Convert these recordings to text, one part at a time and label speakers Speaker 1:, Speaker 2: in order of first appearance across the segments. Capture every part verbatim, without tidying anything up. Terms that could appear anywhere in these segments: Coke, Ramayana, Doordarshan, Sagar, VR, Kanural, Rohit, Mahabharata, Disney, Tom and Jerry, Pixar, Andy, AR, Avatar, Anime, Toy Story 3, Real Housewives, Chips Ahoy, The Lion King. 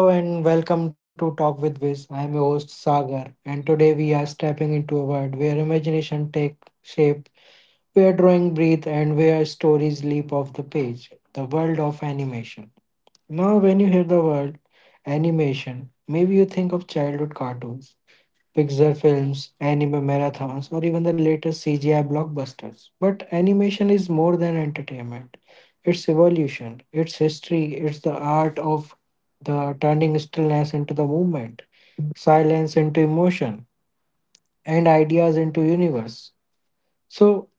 Speaker 1: Hello and welcome to Talk with Viz. I am your host Sagar, and today we are stepping into a world where imagination takes shape, where drawing breathe, and where stories leap off the page. The world of animation. Now, when you hear the word animation, maybe you think of childhood cartoons, Pixar films, anime marathons, or even the latest C G I blockbusters. But animation is more than entertainment. It's evolution, it's history, it's the art of the turning stillness into the movement, silence into emotion, and ideas into universe. So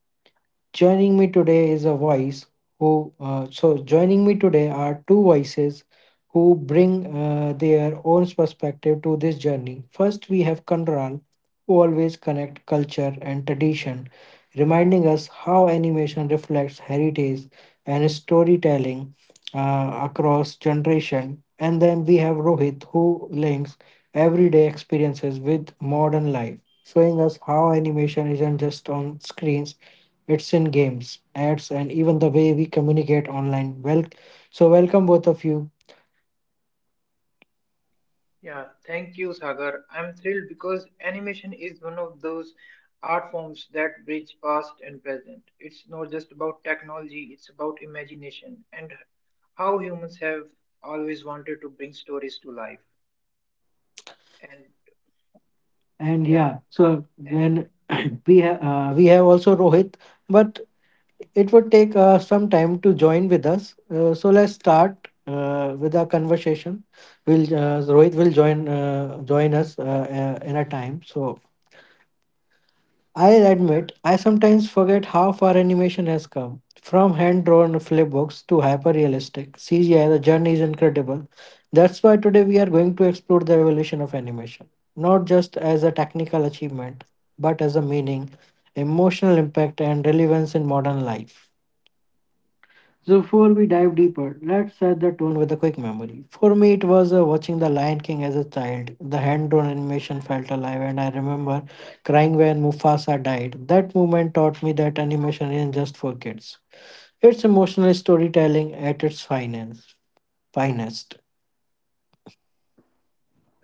Speaker 1: joining me today is a voice who, uh, so joining me today are two voices who bring uh, their own perspective to this journey. First, we have Kandral, who always connect culture and tradition, reminding us how animation reflects heritage and storytelling uh, across generation. And then we have Rohit, who links everyday experiences with modern life, showing us how animation isn't just on screens, it's in games, ads, and even the way we communicate online. Well, so welcome both of you.
Speaker 2: Yeah, thank you, Sagar. I'm thrilled because animation is one of those art forms that bridge past and present. It's not just about technology, it's about imagination and how humans have always wanted to bring stories to life. And
Speaker 1: And
Speaker 2: yeah,
Speaker 1: yeah, so
Speaker 2: any
Speaker 1: when we have uh, we have also Rohit, but it would take uh, some time to join with us. Uh, so let's start uh, with our conversation. Will uh, Rohit will join uh, join us uh, uh, in a time. So I'll
Speaker 2: yeah,
Speaker 1: admit, I sometimes forget how far animation has come. From hand drawn flipbooks to hyper realistic C G I, the journey is incredible. That's why today we are going to explore the evolution of animation, not just as a technical achievement, but as a meaning, emotional impact, and relevance in modern life. So before we dive deeper, let's set the tone with a quick memory. For me, it was uh, watching The Lion King as a child. The hand-drawn animation felt alive, and I remember crying when Mufasa died. That moment taught me that animation isn't just for kids. It's emotional storytelling at its finest. Finest.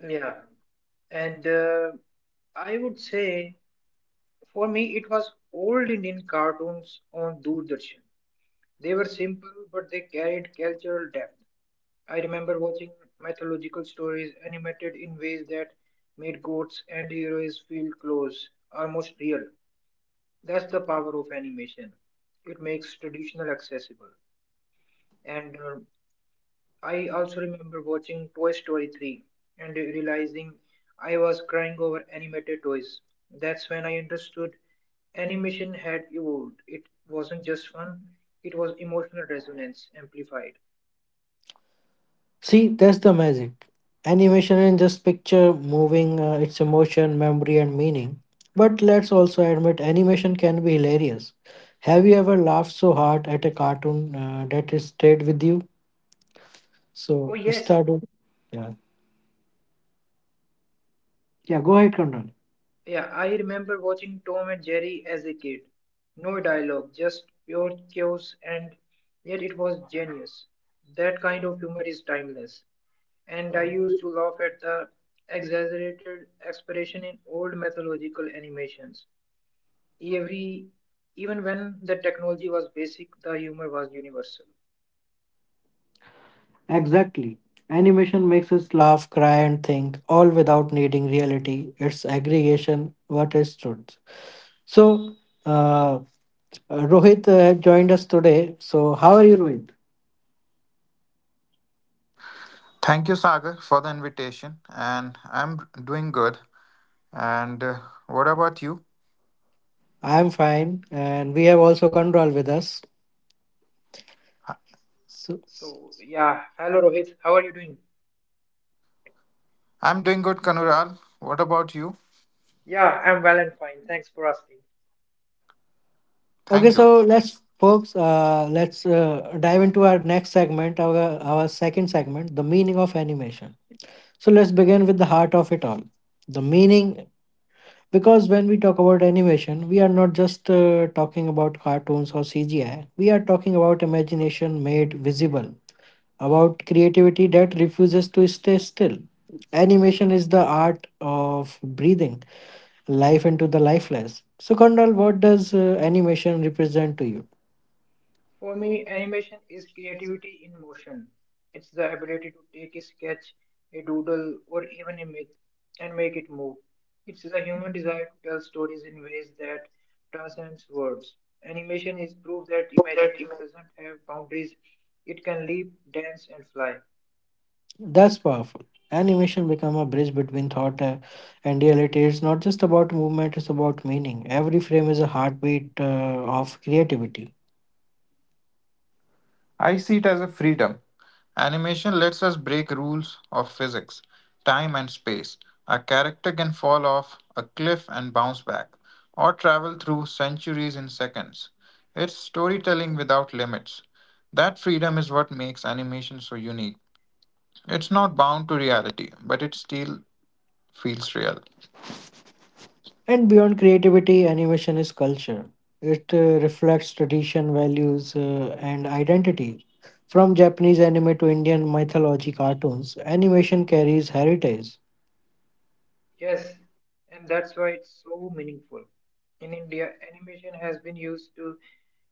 Speaker 2: yeah. And uh, I would say for me it was old Indian cartoons on Doordarshan. They were simple, but they carried cultural depth. I remember watching mythological stories animated in ways that made gods and heroes feel close, almost real. That's the power of animation. It makes traditional accessible. And uh, I also remember watching Toy Story three and realizing I was crying over animated toys. That's when I understood animation had evolved. It wasn't just fun, it was emotional resonance amplified.
Speaker 1: See, that's the magic. Animation in just picture moving, uh, it's emotion, memory, and meaning. But let's also admit animation can be hilarious. Have you ever laughed so hard at a cartoon uh, that it stayed with you?
Speaker 2: Oh,
Speaker 1: So,
Speaker 2: yes.
Speaker 1: start with. Yeah. Yeah, go ahead, Conrad.
Speaker 2: Yeah, I remember watching Tom and Jerry as a kid. No dialogue, just pure chaos, and yet it was genius. That kind of humor is timeless. And I used to laugh at the exaggerated expression in old mythological animations. Every, even when the technology was basic, the humor was universal.
Speaker 1: Exactly. Animation makes us laugh, cry, and think, all without needing reality. It's aggregation, what is truth. So, uh, uh, Rohit uh, joined us today. So, how are you, Rohit?
Speaker 3: Thank you, Sagar, for the invitation. And I'm doing good. And uh, What about you?
Speaker 1: I'm fine, and we have also Control with us. So,
Speaker 2: So, yeah, hello Rohit, how are you doing?
Speaker 3: I'm doing good, Kanural. What about you?
Speaker 2: Yeah, I'm well and fine. Thanks for asking.
Speaker 3: Thank
Speaker 1: okay,
Speaker 3: you.
Speaker 1: so let's folks, uh, let's uh, dive into our next segment, our our second segment, the meaning of animation. So let's begin with the heart of it all, the meaning. Because when we talk about animation, we are not just uh, talking about cartoons or C G I. We are talking about imagination made visible, about creativity that refuses to stay still. Animation is the art of breathing life into the lifeless. So, Kondal, what does uh, animation represent to you?
Speaker 2: For me, animation is creativity in motion. It's the ability to take a sketch, a doodle, or even a myth and make it move. It's the human desire to tell stories in ways that transcends words. Animation is proof that imagination doesn't have boundaries. It can leap, dance, and fly.
Speaker 1: That's powerful. Animation become a bridge between thought uh, and reality. It's not just about movement; it's about meaning. Every frame is a heartbeat uh, of creativity.
Speaker 3: I see it as a freedom. Animation lets us break rules of physics, time, and space. A character can fall off a cliff and bounce back, or travel through centuries in seconds. It's storytelling without limits. That freedom is what makes animation so unique. It's not bound to reality, but it's still feels real.
Speaker 1: And beyond creativity, animation is culture. It uh, reflects tradition, values, uh, and identity. From Japanese anime to Indian mythology cartoons, animation carries heritage.
Speaker 2: Yes, and that's why it's so meaningful. In India, animation has been used to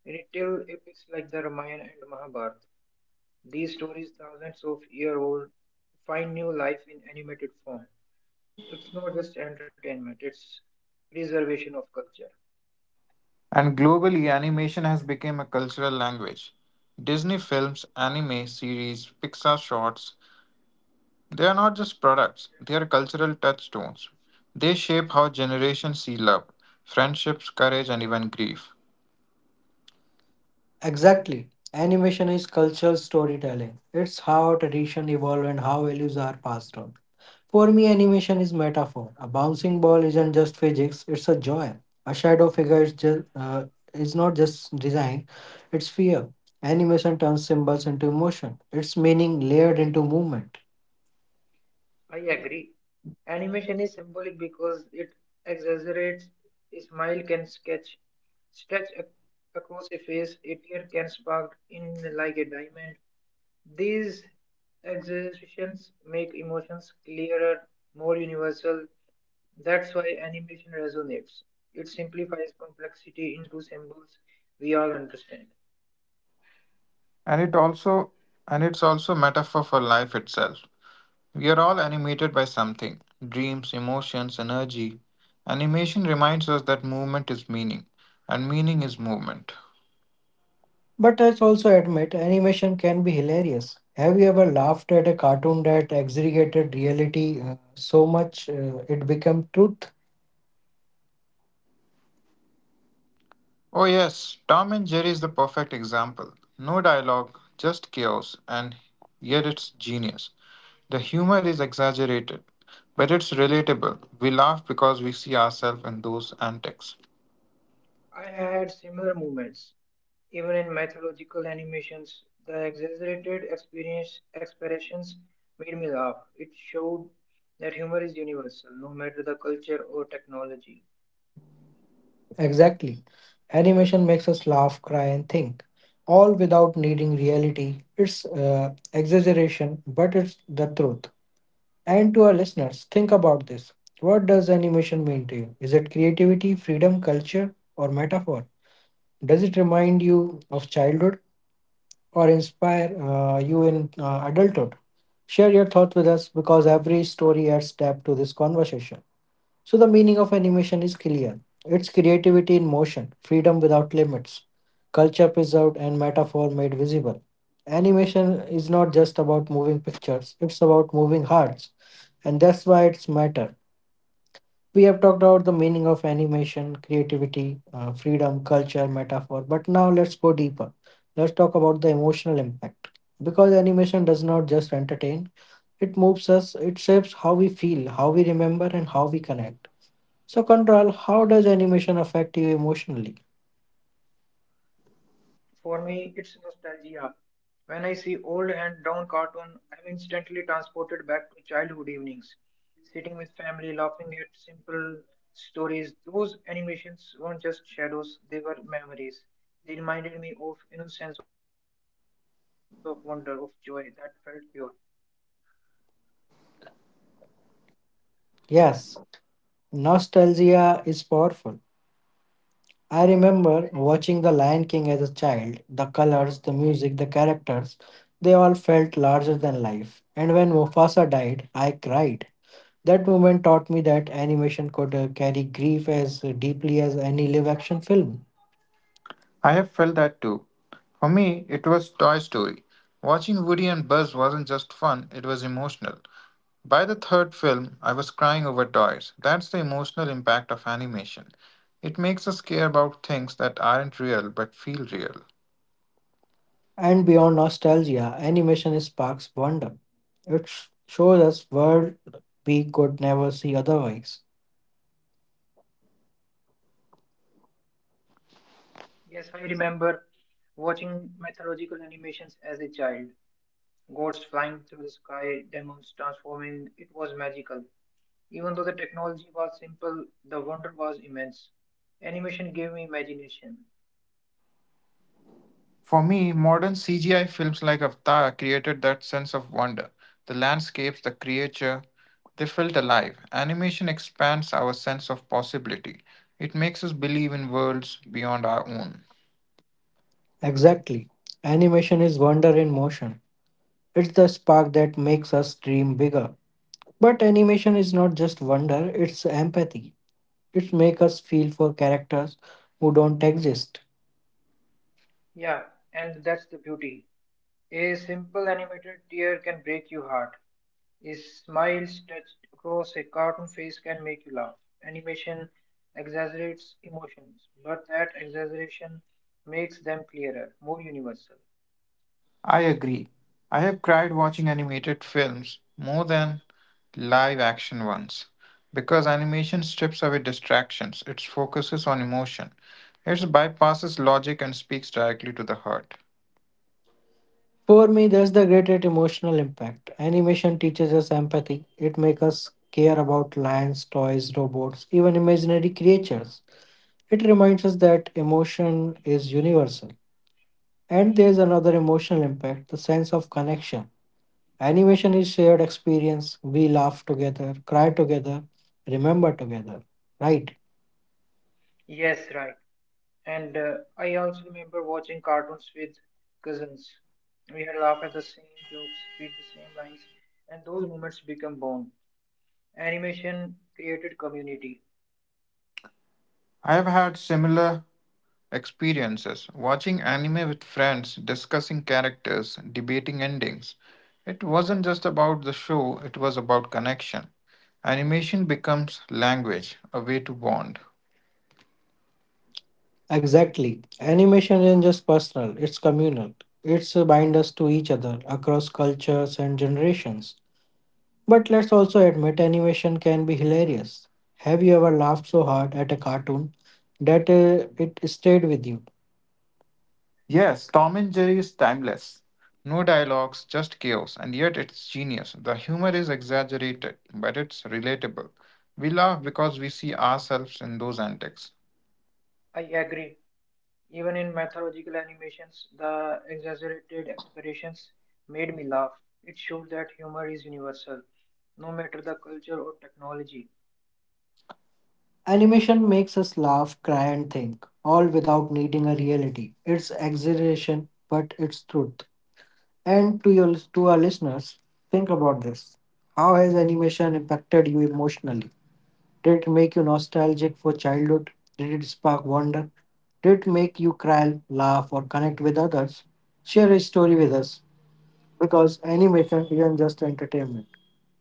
Speaker 2: retell epics like the Ramayana and Mahabharata. These stories, thousands of year old, find new life in animated form. It's not just entertainment, it's preservation of culture.
Speaker 3: And globally, animation has become a cultural language. Disney films, anime series, Pixar shorts, they are not just products, they are cultural touchstones. They shape how generations see love, friendships, courage, and even grief.
Speaker 1: Exactly. Animation is cultural storytelling. It's how tradition evolve and how values are passed on. For me, animation is metaphor. A bouncing ball isn't just physics; it's a joy. A shadow figure is just uh, is not just design; it's fear. Animation turns symbols into emotion. It's meaning layered into movement.
Speaker 2: I agree. Animation is symbolic because it exaggerates a smile can sketch stretch ac- across a face, a tear can spark in like a diamond. These exaggerations make emotions clearer, more universal. That's why animation resonates. It simplifies complexity into symbols we all understand.
Speaker 3: And it also and it's also a metaphor for life itself. We are all animated by something dreams, emotions, energy. Animation reminds us that movement is meaning, and meaning is movement.
Speaker 1: But let's also admit, animation can be hilarious. Have you ever laughed at a cartoon that exaggerated reality uh, so much uh, it became truth?
Speaker 3: Oh, yes, Tom and Jerry is the perfect example. No dialogue, just chaos, and yet it's genius. The humor is exaggerated, but it's relatable. We laugh because we see ourselves in those antics.
Speaker 2: I had similar moments, even in mythological animations. The exaggerated experience expressions made me laugh. It showed that humor is universal, no matter the culture or technology.
Speaker 1: Exactly. Animation makes us laugh, cry, and think, all without needing reality. It's uh, exaggeration, but it's the truth. And to our listeners, think about this. What does animation mean to you? Is it creativity, freedom, culture, or metaphor? Does it remind you of childhood or inspire uh, you in uh, adulthood? Share your thoughts with us because every story adds depth to this conversation. So the meaning of animation is clear. It's creativity in motion, freedom without limits, culture preserved and metaphor made visible. Animation is not just about moving pictures, it's about moving hearts, and that's why it's matter. We have talked about the meaning of animation, creativity, uh, freedom, culture, metaphor, but now let's go deeper. Let's talk about the emotional impact. Because animation does not just entertain, it moves us, it shapes how we feel, how we remember, and how we connect. So, Control, how does animation affect you emotionally?
Speaker 2: For me, it's nostalgia. When I see old and down cartoon, I'm instantly transported back to childhood evenings, sitting with family, laughing at simple stories. Those animations weren't just shadows, they were memories. They reminded me of innocence, of wonder, of joy that felt pure.
Speaker 1: Yes, nostalgia is powerful. I remember watching The Lion King as a child. The colors, the music, the characters, they all felt larger than life. And when Mufasa died, I cried. That moment taught me that animation could uh, carry grief as deeply as any live action film.
Speaker 3: I have felt that too. For me, it was Toy Story. Watching Woody and Buzz wasn't just fun, it was emotional. By the third film, I was crying over toys. That's the emotional impact of animation. It makes us care about things that aren't real but feel real.
Speaker 1: And beyond nostalgia, animation sparks wonder. It sh- shows us world we could never see otherwise.
Speaker 2: Yes, I remember watching mythological animations as a child. Gods flying through the sky, demons transforming, it was magical. Even though the technology was simple, the wonder was immense. Animation gave me imagination.
Speaker 3: For me, modern C G I films like Avatar created that sense of wonder. The landscapes, the creature, they felt alive. Animation expands our sense of possibility. It makes us believe in worlds beyond our own.
Speaker 1: Exactly. Animation is wonder in motion. It's the spark that makes us dream bigger. But animation is not just wonder, it's empathy. It makes us feel for characters who don't exist.
Speaker 2: Yeah, and that's the beauty. A simple animated tear can break your heart. A smile stretched across a cartoon face can make you laugh. Animation exaggerates emotions, but that exaggeration makes them clearer, more universal.
Speaker 3: I agree. I have cried watching animated films more than live action ones because animation strips away distractions, it focuses on emotion, it bypasses logic and speaks directly to the heart.
Speaker 1: For me, that's the greatest emotional impact. Animation teaches us empathy. It makes us care about lions, toys, robots, even imaginary creatures. It reminds us that emotion is universal. And there's another emotional impact, the sense of connection. Animation is shared experience. We laugh together, cry together, remember together. Right?
Speaker 2: Yes, right. And uh, I also remember watching cartoons with cousins. We had laughed at the same jokes, read the same lines, and those moments become bond. Animation created community.
Speaker 3: I have had similar experiences watching anime with friends, discussing characters, debating endings. It wasn't just about the show, it was about connection. Animation becomes language, a way to bond.
Speaker 1: Exactly. Animation isn't just personal, it's communal. It's a bind us to each other across cultures and generations. But let's also admit animation can be hilarious. Have you ever laughed so hard at a cartoon that uh, it stayed with you?
Speaker 3: Yes, Tom and Jerry is timeless. No dialogues, just chaos, and yet it's genius. The humor is exaggerated, but it's relatable. We laugh because we see ourselves in those antics.
Speaker 2: I agree. Even in mythological animations, the exaggerated expressions made me laugh. It showed that humor is universal, no matter the culture or technology.
Speaker 1: Animation makes us laugh, cry, and think, all without needing a reality. It's exaggeration, but it's truth. And to your to our listeners, think about this. How has animation impacted you emotionally? Did it make you nostalgic for childhood? Did it spark wonder? Did it make you cry, laugh, or connect with others? Share a story with us because animation isn't just entertainment,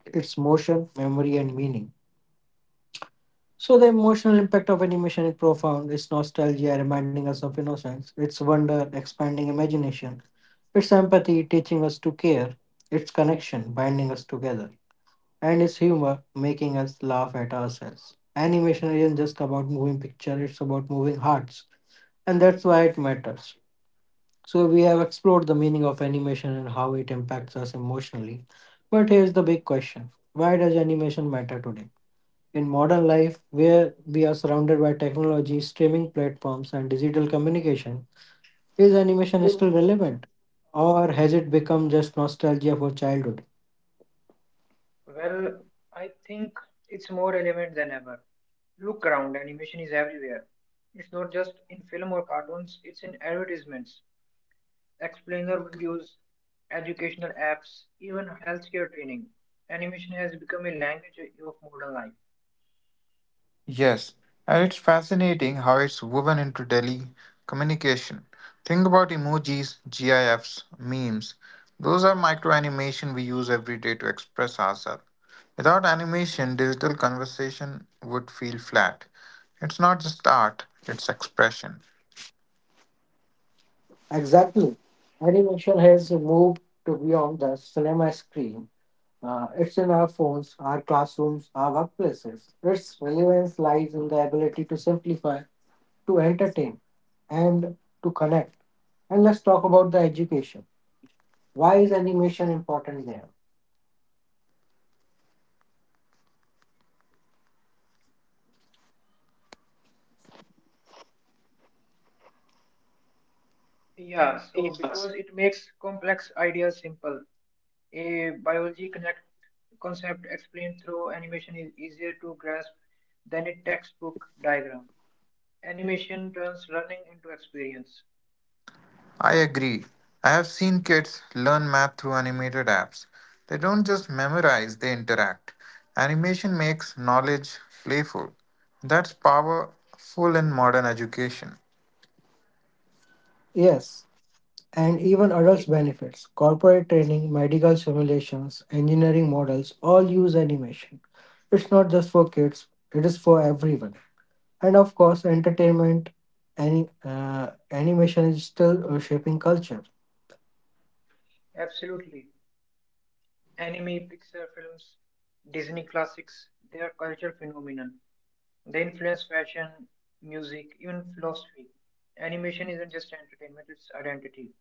Speaker 1: it's motion, memory, and meaning. So the emotional impact of animation is profound. It's nostalgia, reminding us of innocence. It's wonder, expanding imagination. It's empathy, teaching us to care. It's connection, binding us together. And it's humor, making us laugh at ourselves. Animation isn't just about moving picture, it's about moving hearts. And that's why it matters. So we have explored the meaning of animation and how it impacts us emotionally. But here's the big question. Why does animation matter today? In modern life, where we are surrounded by technology, streaming platforms, and digital communication, is animation still relevant? Or has it become just nostalgia for childhood?
Speaker 2: Well, I think it's more relevant than ever. Look around, animation is everywhere. It's not just in film or cartoons, it's in advertisements, explainer videos, educational apps, even healthcare training. Animation has become a language of modern life.
Speaker 3: Yes, and it's fascinating how it's woven into daily communication. Think about emojis, GIFs, memes. Those are micro animation we use every day to express ourselves. Without animation, digital conversation would feel flat. It's not just art, it's expression.
Speaker 1: Exactly. Animation has moved to beyond the cinema screen. Uh, it's in our phones, our classrooms, our workplaces. Its relevance lies in the ability to simplify, to entertain, and to connect. And let's talk about the education. Why is animation important there?
Speaker 2: Yeah, so because it makes complex ideas simple, a biology connect concept explained through animation is easier to grasp than a textbook diagram. Animation turns learning into experience.
Speaker 3: I agree. I have seen kids learn math through animated apps. They don't just memorize, they interact. Animation makes knowledge playful. That's powerful in modern education.
Speaker 1: Yes, and even adults benefits. Corporate training, medical simulations, engineering models all use animation. It's not just for kids, it is for everyone. And of course, entertainment, any uh, animation is still uh, shaping culture.
Speaker 2: Absolutely. Anime, Pixar films, Disney classics, they are cultural phenomenon. They influence fashion, music, even philosophy. Animation isn't just entertainment, it's identity.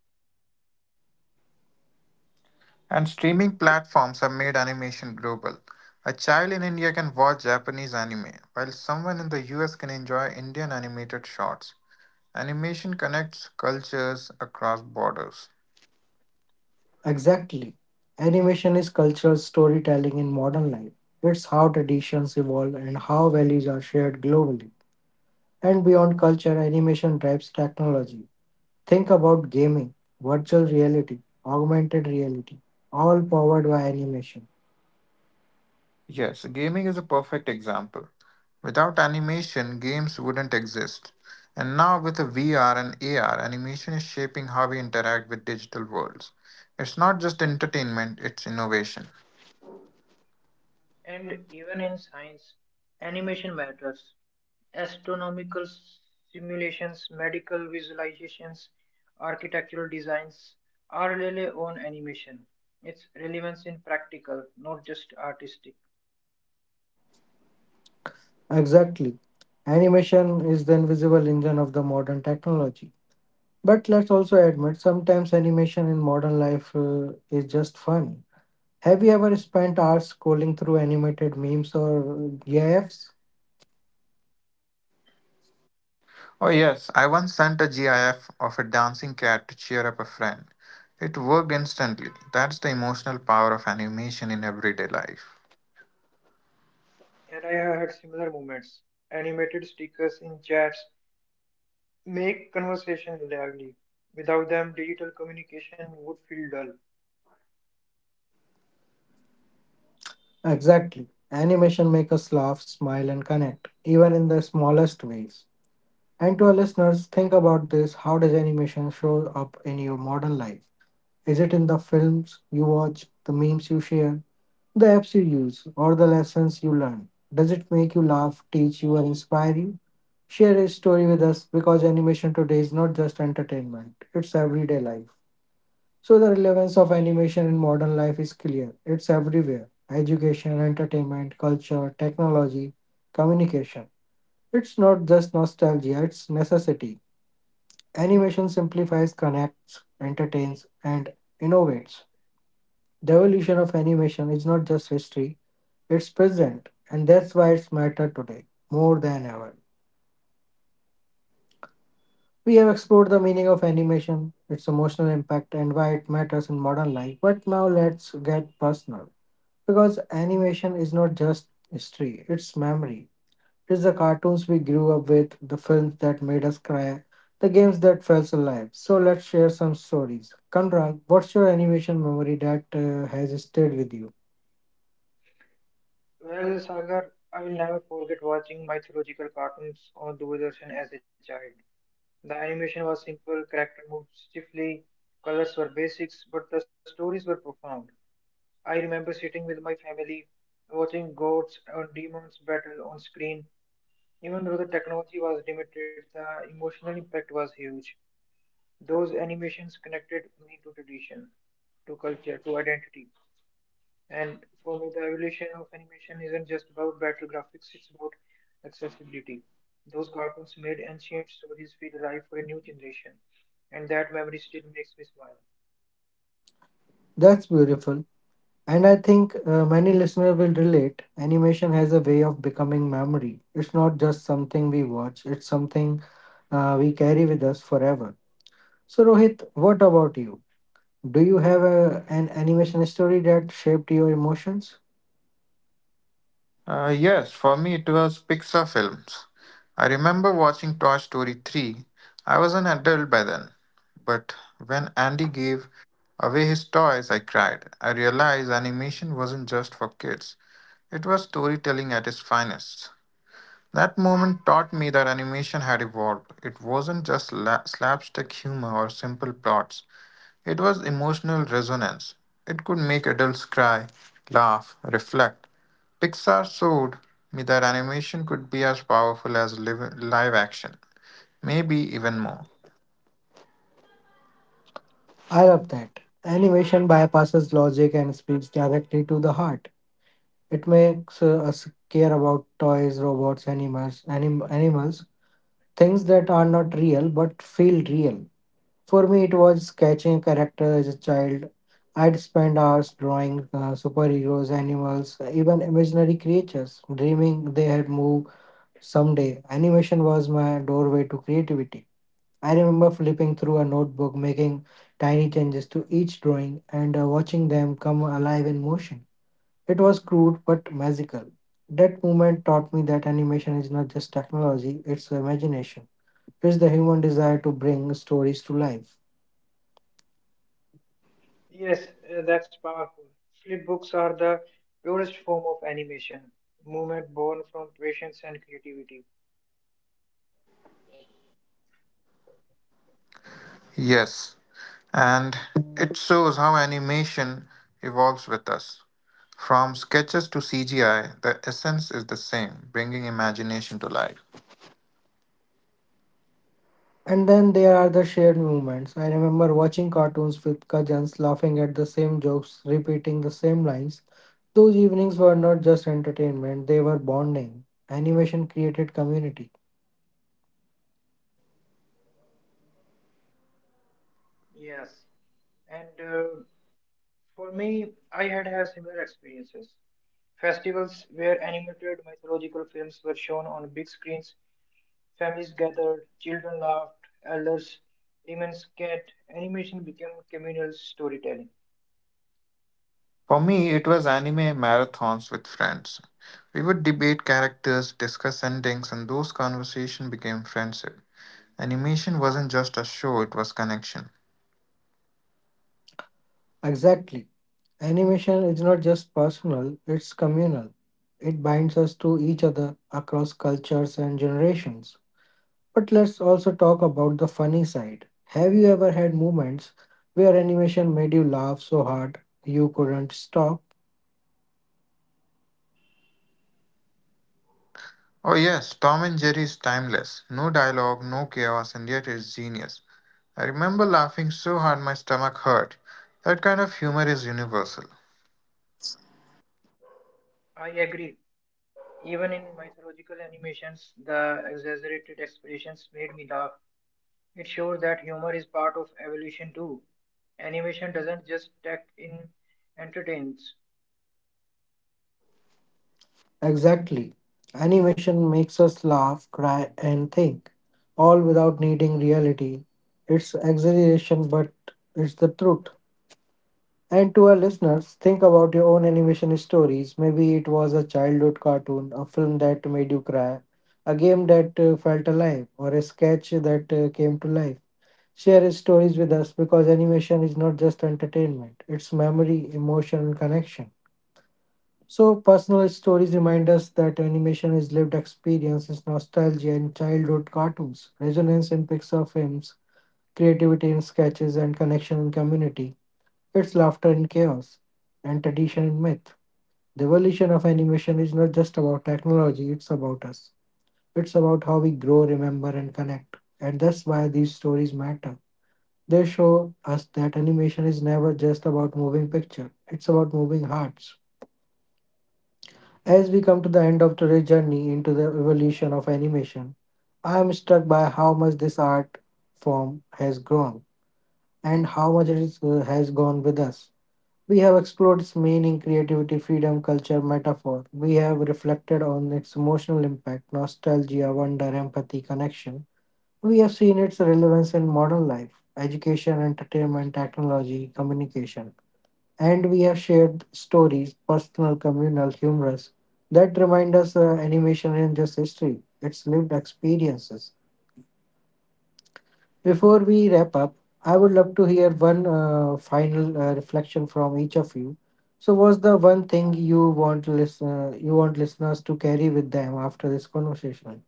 Speaker 3: And streaming platforms have made animation global. A child in India can watch Japanese anime, while someone in the U S can enjoy Indian animated shorts. Animation connects cultures across borders.
Speaker 1: Exactly. Animation is cultural storytelling in modern life. It's how traditions evolve and how values are shared globally. And beyond culture, animation drives technology. Think about gaming, virtual reality, augmented reality, all powered by animation.
Speaker 3: Yes, gaming is a perfect example. Without animation, games wouldn't exist. And now, with a V R and A R, animation is shaping how we interact with digital worlds. It's not just entertainment, it's innovation.
Speaker 2: And even in science, animation matters. Astronomical simulations, medical visualizations, architectural designs are really on animation. Its relevance in practical, not just artistic.
Speaker 1: Exactly. Animation is the invisible engine of the modern technology. But let's also admit sometimes animation in modern life uh, is just fun. Have you ever spent hours scrolling through animated memes or uh, GIFs?
Speaker 3: Oh, yes, I once sent a GIF of a dancing cat to cheer up a friend. It worked instantly. That's the emotional power of animation in everyday life.
Speaker 2: And I have had similar moments. Animated stickers in chats make conversation lively. Without them, digital communication would feel dull.
Speaker 1: Exactly. Animation makes us laugh, smile, and connect, even in the smallest ways. And to our listeners, think about this, how does animation show up in your modern life? Is it in the films you watch, the memes you share, the apps you use, or the lessons you learn? Does it make you laugh, teach you, or inspire you? Share a story with us because animation today is not just entertainment, it's everyday life. So, the relevance of animation in modern life is clear. It's everywhere, education, entertainment, culture, technology, communication. It's not just nostalgia, it's necessity. Animation simplifies, connects, entertains, and innovates. The evolution of animation is not just history, it's present, and that's why it's matter today more than ever. We have explored the meaning of animation, its emotional impact, and why it matters in modern life. But now let's get personal. Because animation is not just history, it's memory. It's the cartoons we grew up with, the films that made us cry, the games that felt us alive. So let's share some stories. Kanral, what's your animation memory that uh, has stayed with you?
Speaker 2: Well, Sagar, I will never forget watching mythological cartoons on Doordarshan as a child. The animation was simple, character moved stiffly, colors were basics, but the stories were profound. I remember sitting with my family, watching gods and demons battle on screen. Even though the technology was limited, the emotional impact was huge. Those animations connected me to tradition, to culture, to identity. And for me, the evolution of animation isn't just about better graphics, it's about accessibility. Those cartoons made ancient stories feel alive for a new generation, and that memory still makes me smile.
Speaker 1: That's beautiful. And I think uh, many listeners will relate. Animation has a way of becoming memory. It's not just something we watch, it's something uh, we carry with us forever. So, Rohit, what about you? Do you have a, an animation story that shaped your emotions?
Speaker 3: Uh, yes, for me it was Pixar films. I remember watching Toy Story three. I was an adult by then. But when Andy gave away his toys, I cried. I realized animation wasn't just for kids, it was storytelling at its finest. That moment taught me that animation had evolved. It wasn't just la- slapstick humor or simple plots, it was emotional resonance. It could make adults cry, laugh, reflect. Pixar showed me that animation could be as powerful as live, live action, maybe even more.
Speaker 1: I love that. Animation bypasses logic and speaks directly to the heart. It makes uh, us care about toys, robots, animals, anim- animals, things that are not real but feel real. For me, it was sketching characters as a child. I'd spend hours drawing uh, superheroes, animals, even imaginary creatures, dreaming they had moved someday. Animation was my doorway to creativity. I remember flipping through a notebook, making tiny changes to each drawing, and uh, watching them come alive in motion. It was crude but magical. That moment taught me that animation is not just technology, it's imagination. It's the human desire to bring stories to life.
Speaker 2: Yes, uh, that's powerful. Flip books are the purest form of animation, movement born from patience and creativity.
Speaker 3: Yes, and it shows how animation evolves with us. From sketches to C G I, the essence is the same, bringing imagination to life.
Speaker 1: And then there are the shared moments. I remember watching cartoons with cousins, laughing at the same jokes, repeating the same lines. Those evenings were not just entertainment, they were bonding. Animation created community.
Speaker 2: Yes, and uh, for me, I had had similar experiences. Festivals where animated mythological films were shown on big screens, families gathered, children laughed, elders remonstrated. Animation became communal storytelling.
Speaker 3: For me, it was anime marathons with friends. We would debate characters, discuss endings, and those conversations became friendship. Animation wasn't just a show, it was connection.
Speaker 1: Exactly. Animation is not just personal, it's communal. It binds us to each other across cultures and generations. But let's also talk about the funny side. Have you ever had moments where animation made you laugh so hard you couldn't stop?
Speaker 3: Oh, yes, Tom and Jerry is timeless. No dialogue, no chaos, and yet it's genius. I remember laughing so hard my stomach hurt. That kind of humor is universal.
Speaker 2: I agree. Even in mythological animations, the exaggerated expressions made me laugh. It shows that humor is part of evolution too. Animation doesn't just act in entertains,
Speaker 1: Exactly. Animation makes us laugh, cry, and think, all without needing reality. It's exaggeration, but it's the truth. And to our listeners, think about your own animation stories. Maybe it was a childhood cartoon, a film that made you cry, a game that uh, felt alive, or a sketch that uh, came to life. Share stories with us because animation is not just entertainment, it's memory, emotion, and connection. So, personal stories remind us that animation is lived experiences, nostalgia, and childhood cartoons, resonance in Pixar films, creativity in sketches, and connection in community. It's laughter in chaos, and tradition in myth. The evolution of animation is not just about technology, it's about us. It's about how we grow, remember, and connect. And that's why these stories matter. They show us that animation is never just about moving picture, it's about moving hearts. As we come to the end of today's journey into the evolution of animation, I am struck by how much this art form has grown and how much it is, uh, has gone with us. We have explored its meaning, creativity, freedom, culture, metaphor. We have reflected on its emotional impact, nostalgia, wonder, empathy, connection. We have seen its relevance in modern life, education, entertainment, technology, communication. And we have shared stories, personal, communal, humorous, that remind us uh, animation isn't just history, it's lived experiences. Before we wrap up, I would love to hear one uh, final uh, reflection from each of you. So, what's the one thing you want listen, uh, you want listeners to carry with them after this conversation?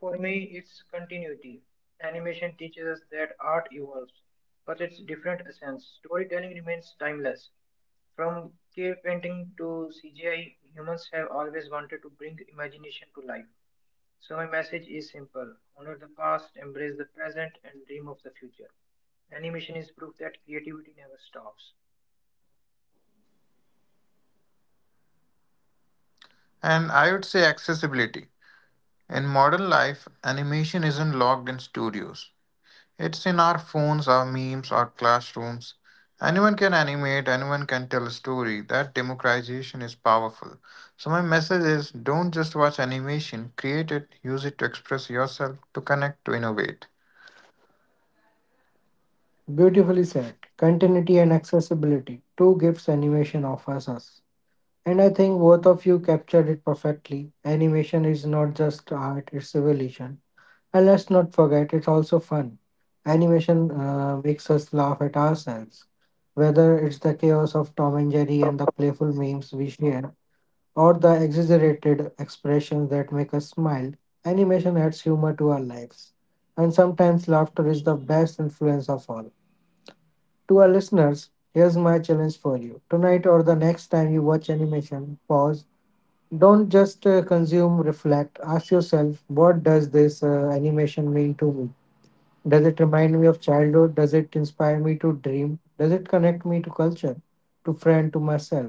Speaker 2: for me, it's continuity. Animation teaches us that art evolves, but it's different essence. Storytelling remains timeless. From cave painting to C G I, humans have always wanted to bring imagination to life. So my message is simple: honor the past, embrace the present, and dream of the future. Animation is proof that creativity never stops.
Speaker 3: And I would say accessibility. In modern life, animation isn't locked in studios. It's in our phones, our memes, our classrooms. Anyone can animate, anyone can tell a story. That democratization is powerful. So, my message is don't just watch animation, create it, use it to express yourself, to connect, to innovate.
Speaker 1: Beautifully said. Continuity and accessibility, two gifts animation offers us. And I think both of you captured it perfectly. Animation is not just art, it's evolution. And let's not forget, it's also fun. Animation uh, makes us laugh at ourselves. Whether it's the chaos of Tom and Jerry and the playful memes we share, or the exaggerated expressions that make us smile, animation adds humor to our lives. And sometimes laughter is the best influence of all. To our listeners, here's my challenge for you. Tonight or the next time you watch animation, pause, don't just uh, consume, reflect. Ask yourself, what does this uh, animation mean to me? Does it remind me of childhood? Does it inspire me to dream? Does it connect me to culture, to friend, to myself?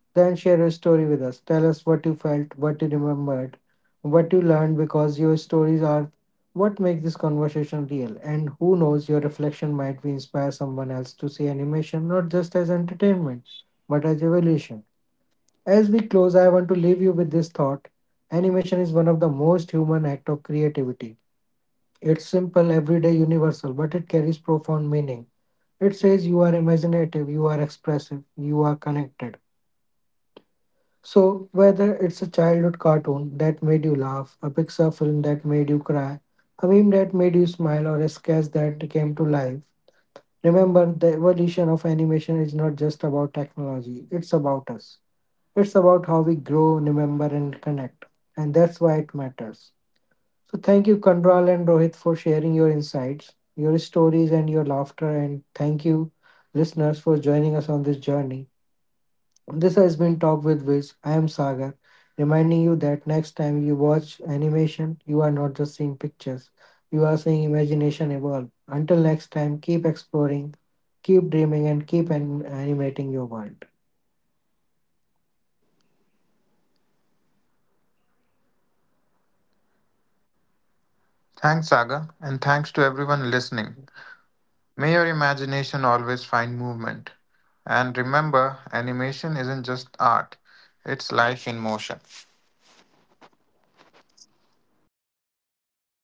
Speaker 1: Then share your story with us. Tell us what you felt, what you remembered, what you learned because your stories are what make this conversation real. And who knows, your reflection might be inspire someone else to see animation not just as entertainment, but as evolution. As we close, I want to leave you with this thought. Animation is one of the most human act of creativity. It's simple, everyday, universal, but it carries profound meaning. It says you are imaginative, you are expressive, you are connected. So, whether it's a childhood cartoon that made you laugh, a Pixar film that made you cry, a meme that made you smile, or a sketch that came to life, remember the evolution of animation is not just about technology, it's about us. It's about how we grow, remember, and connect. And that's why it matters. So thank you, Kandral and Rohit, for sharing your insights, your stories, and your laughter. And thank you, listeners, for joining us on this journey. This has been Talk with Wiz. I am Sagar, reminding you that next time you watch animation, you are not just seeing pictures, you are seeing imagination evolve. Until next time, keep exploring, keep dreaming, and keep an- animating your world.
Speaker 3: Thanks, Saga, and thanks to everyone listening. May your imagination always find movement. And remember, animation isn't just art, it's life in motion.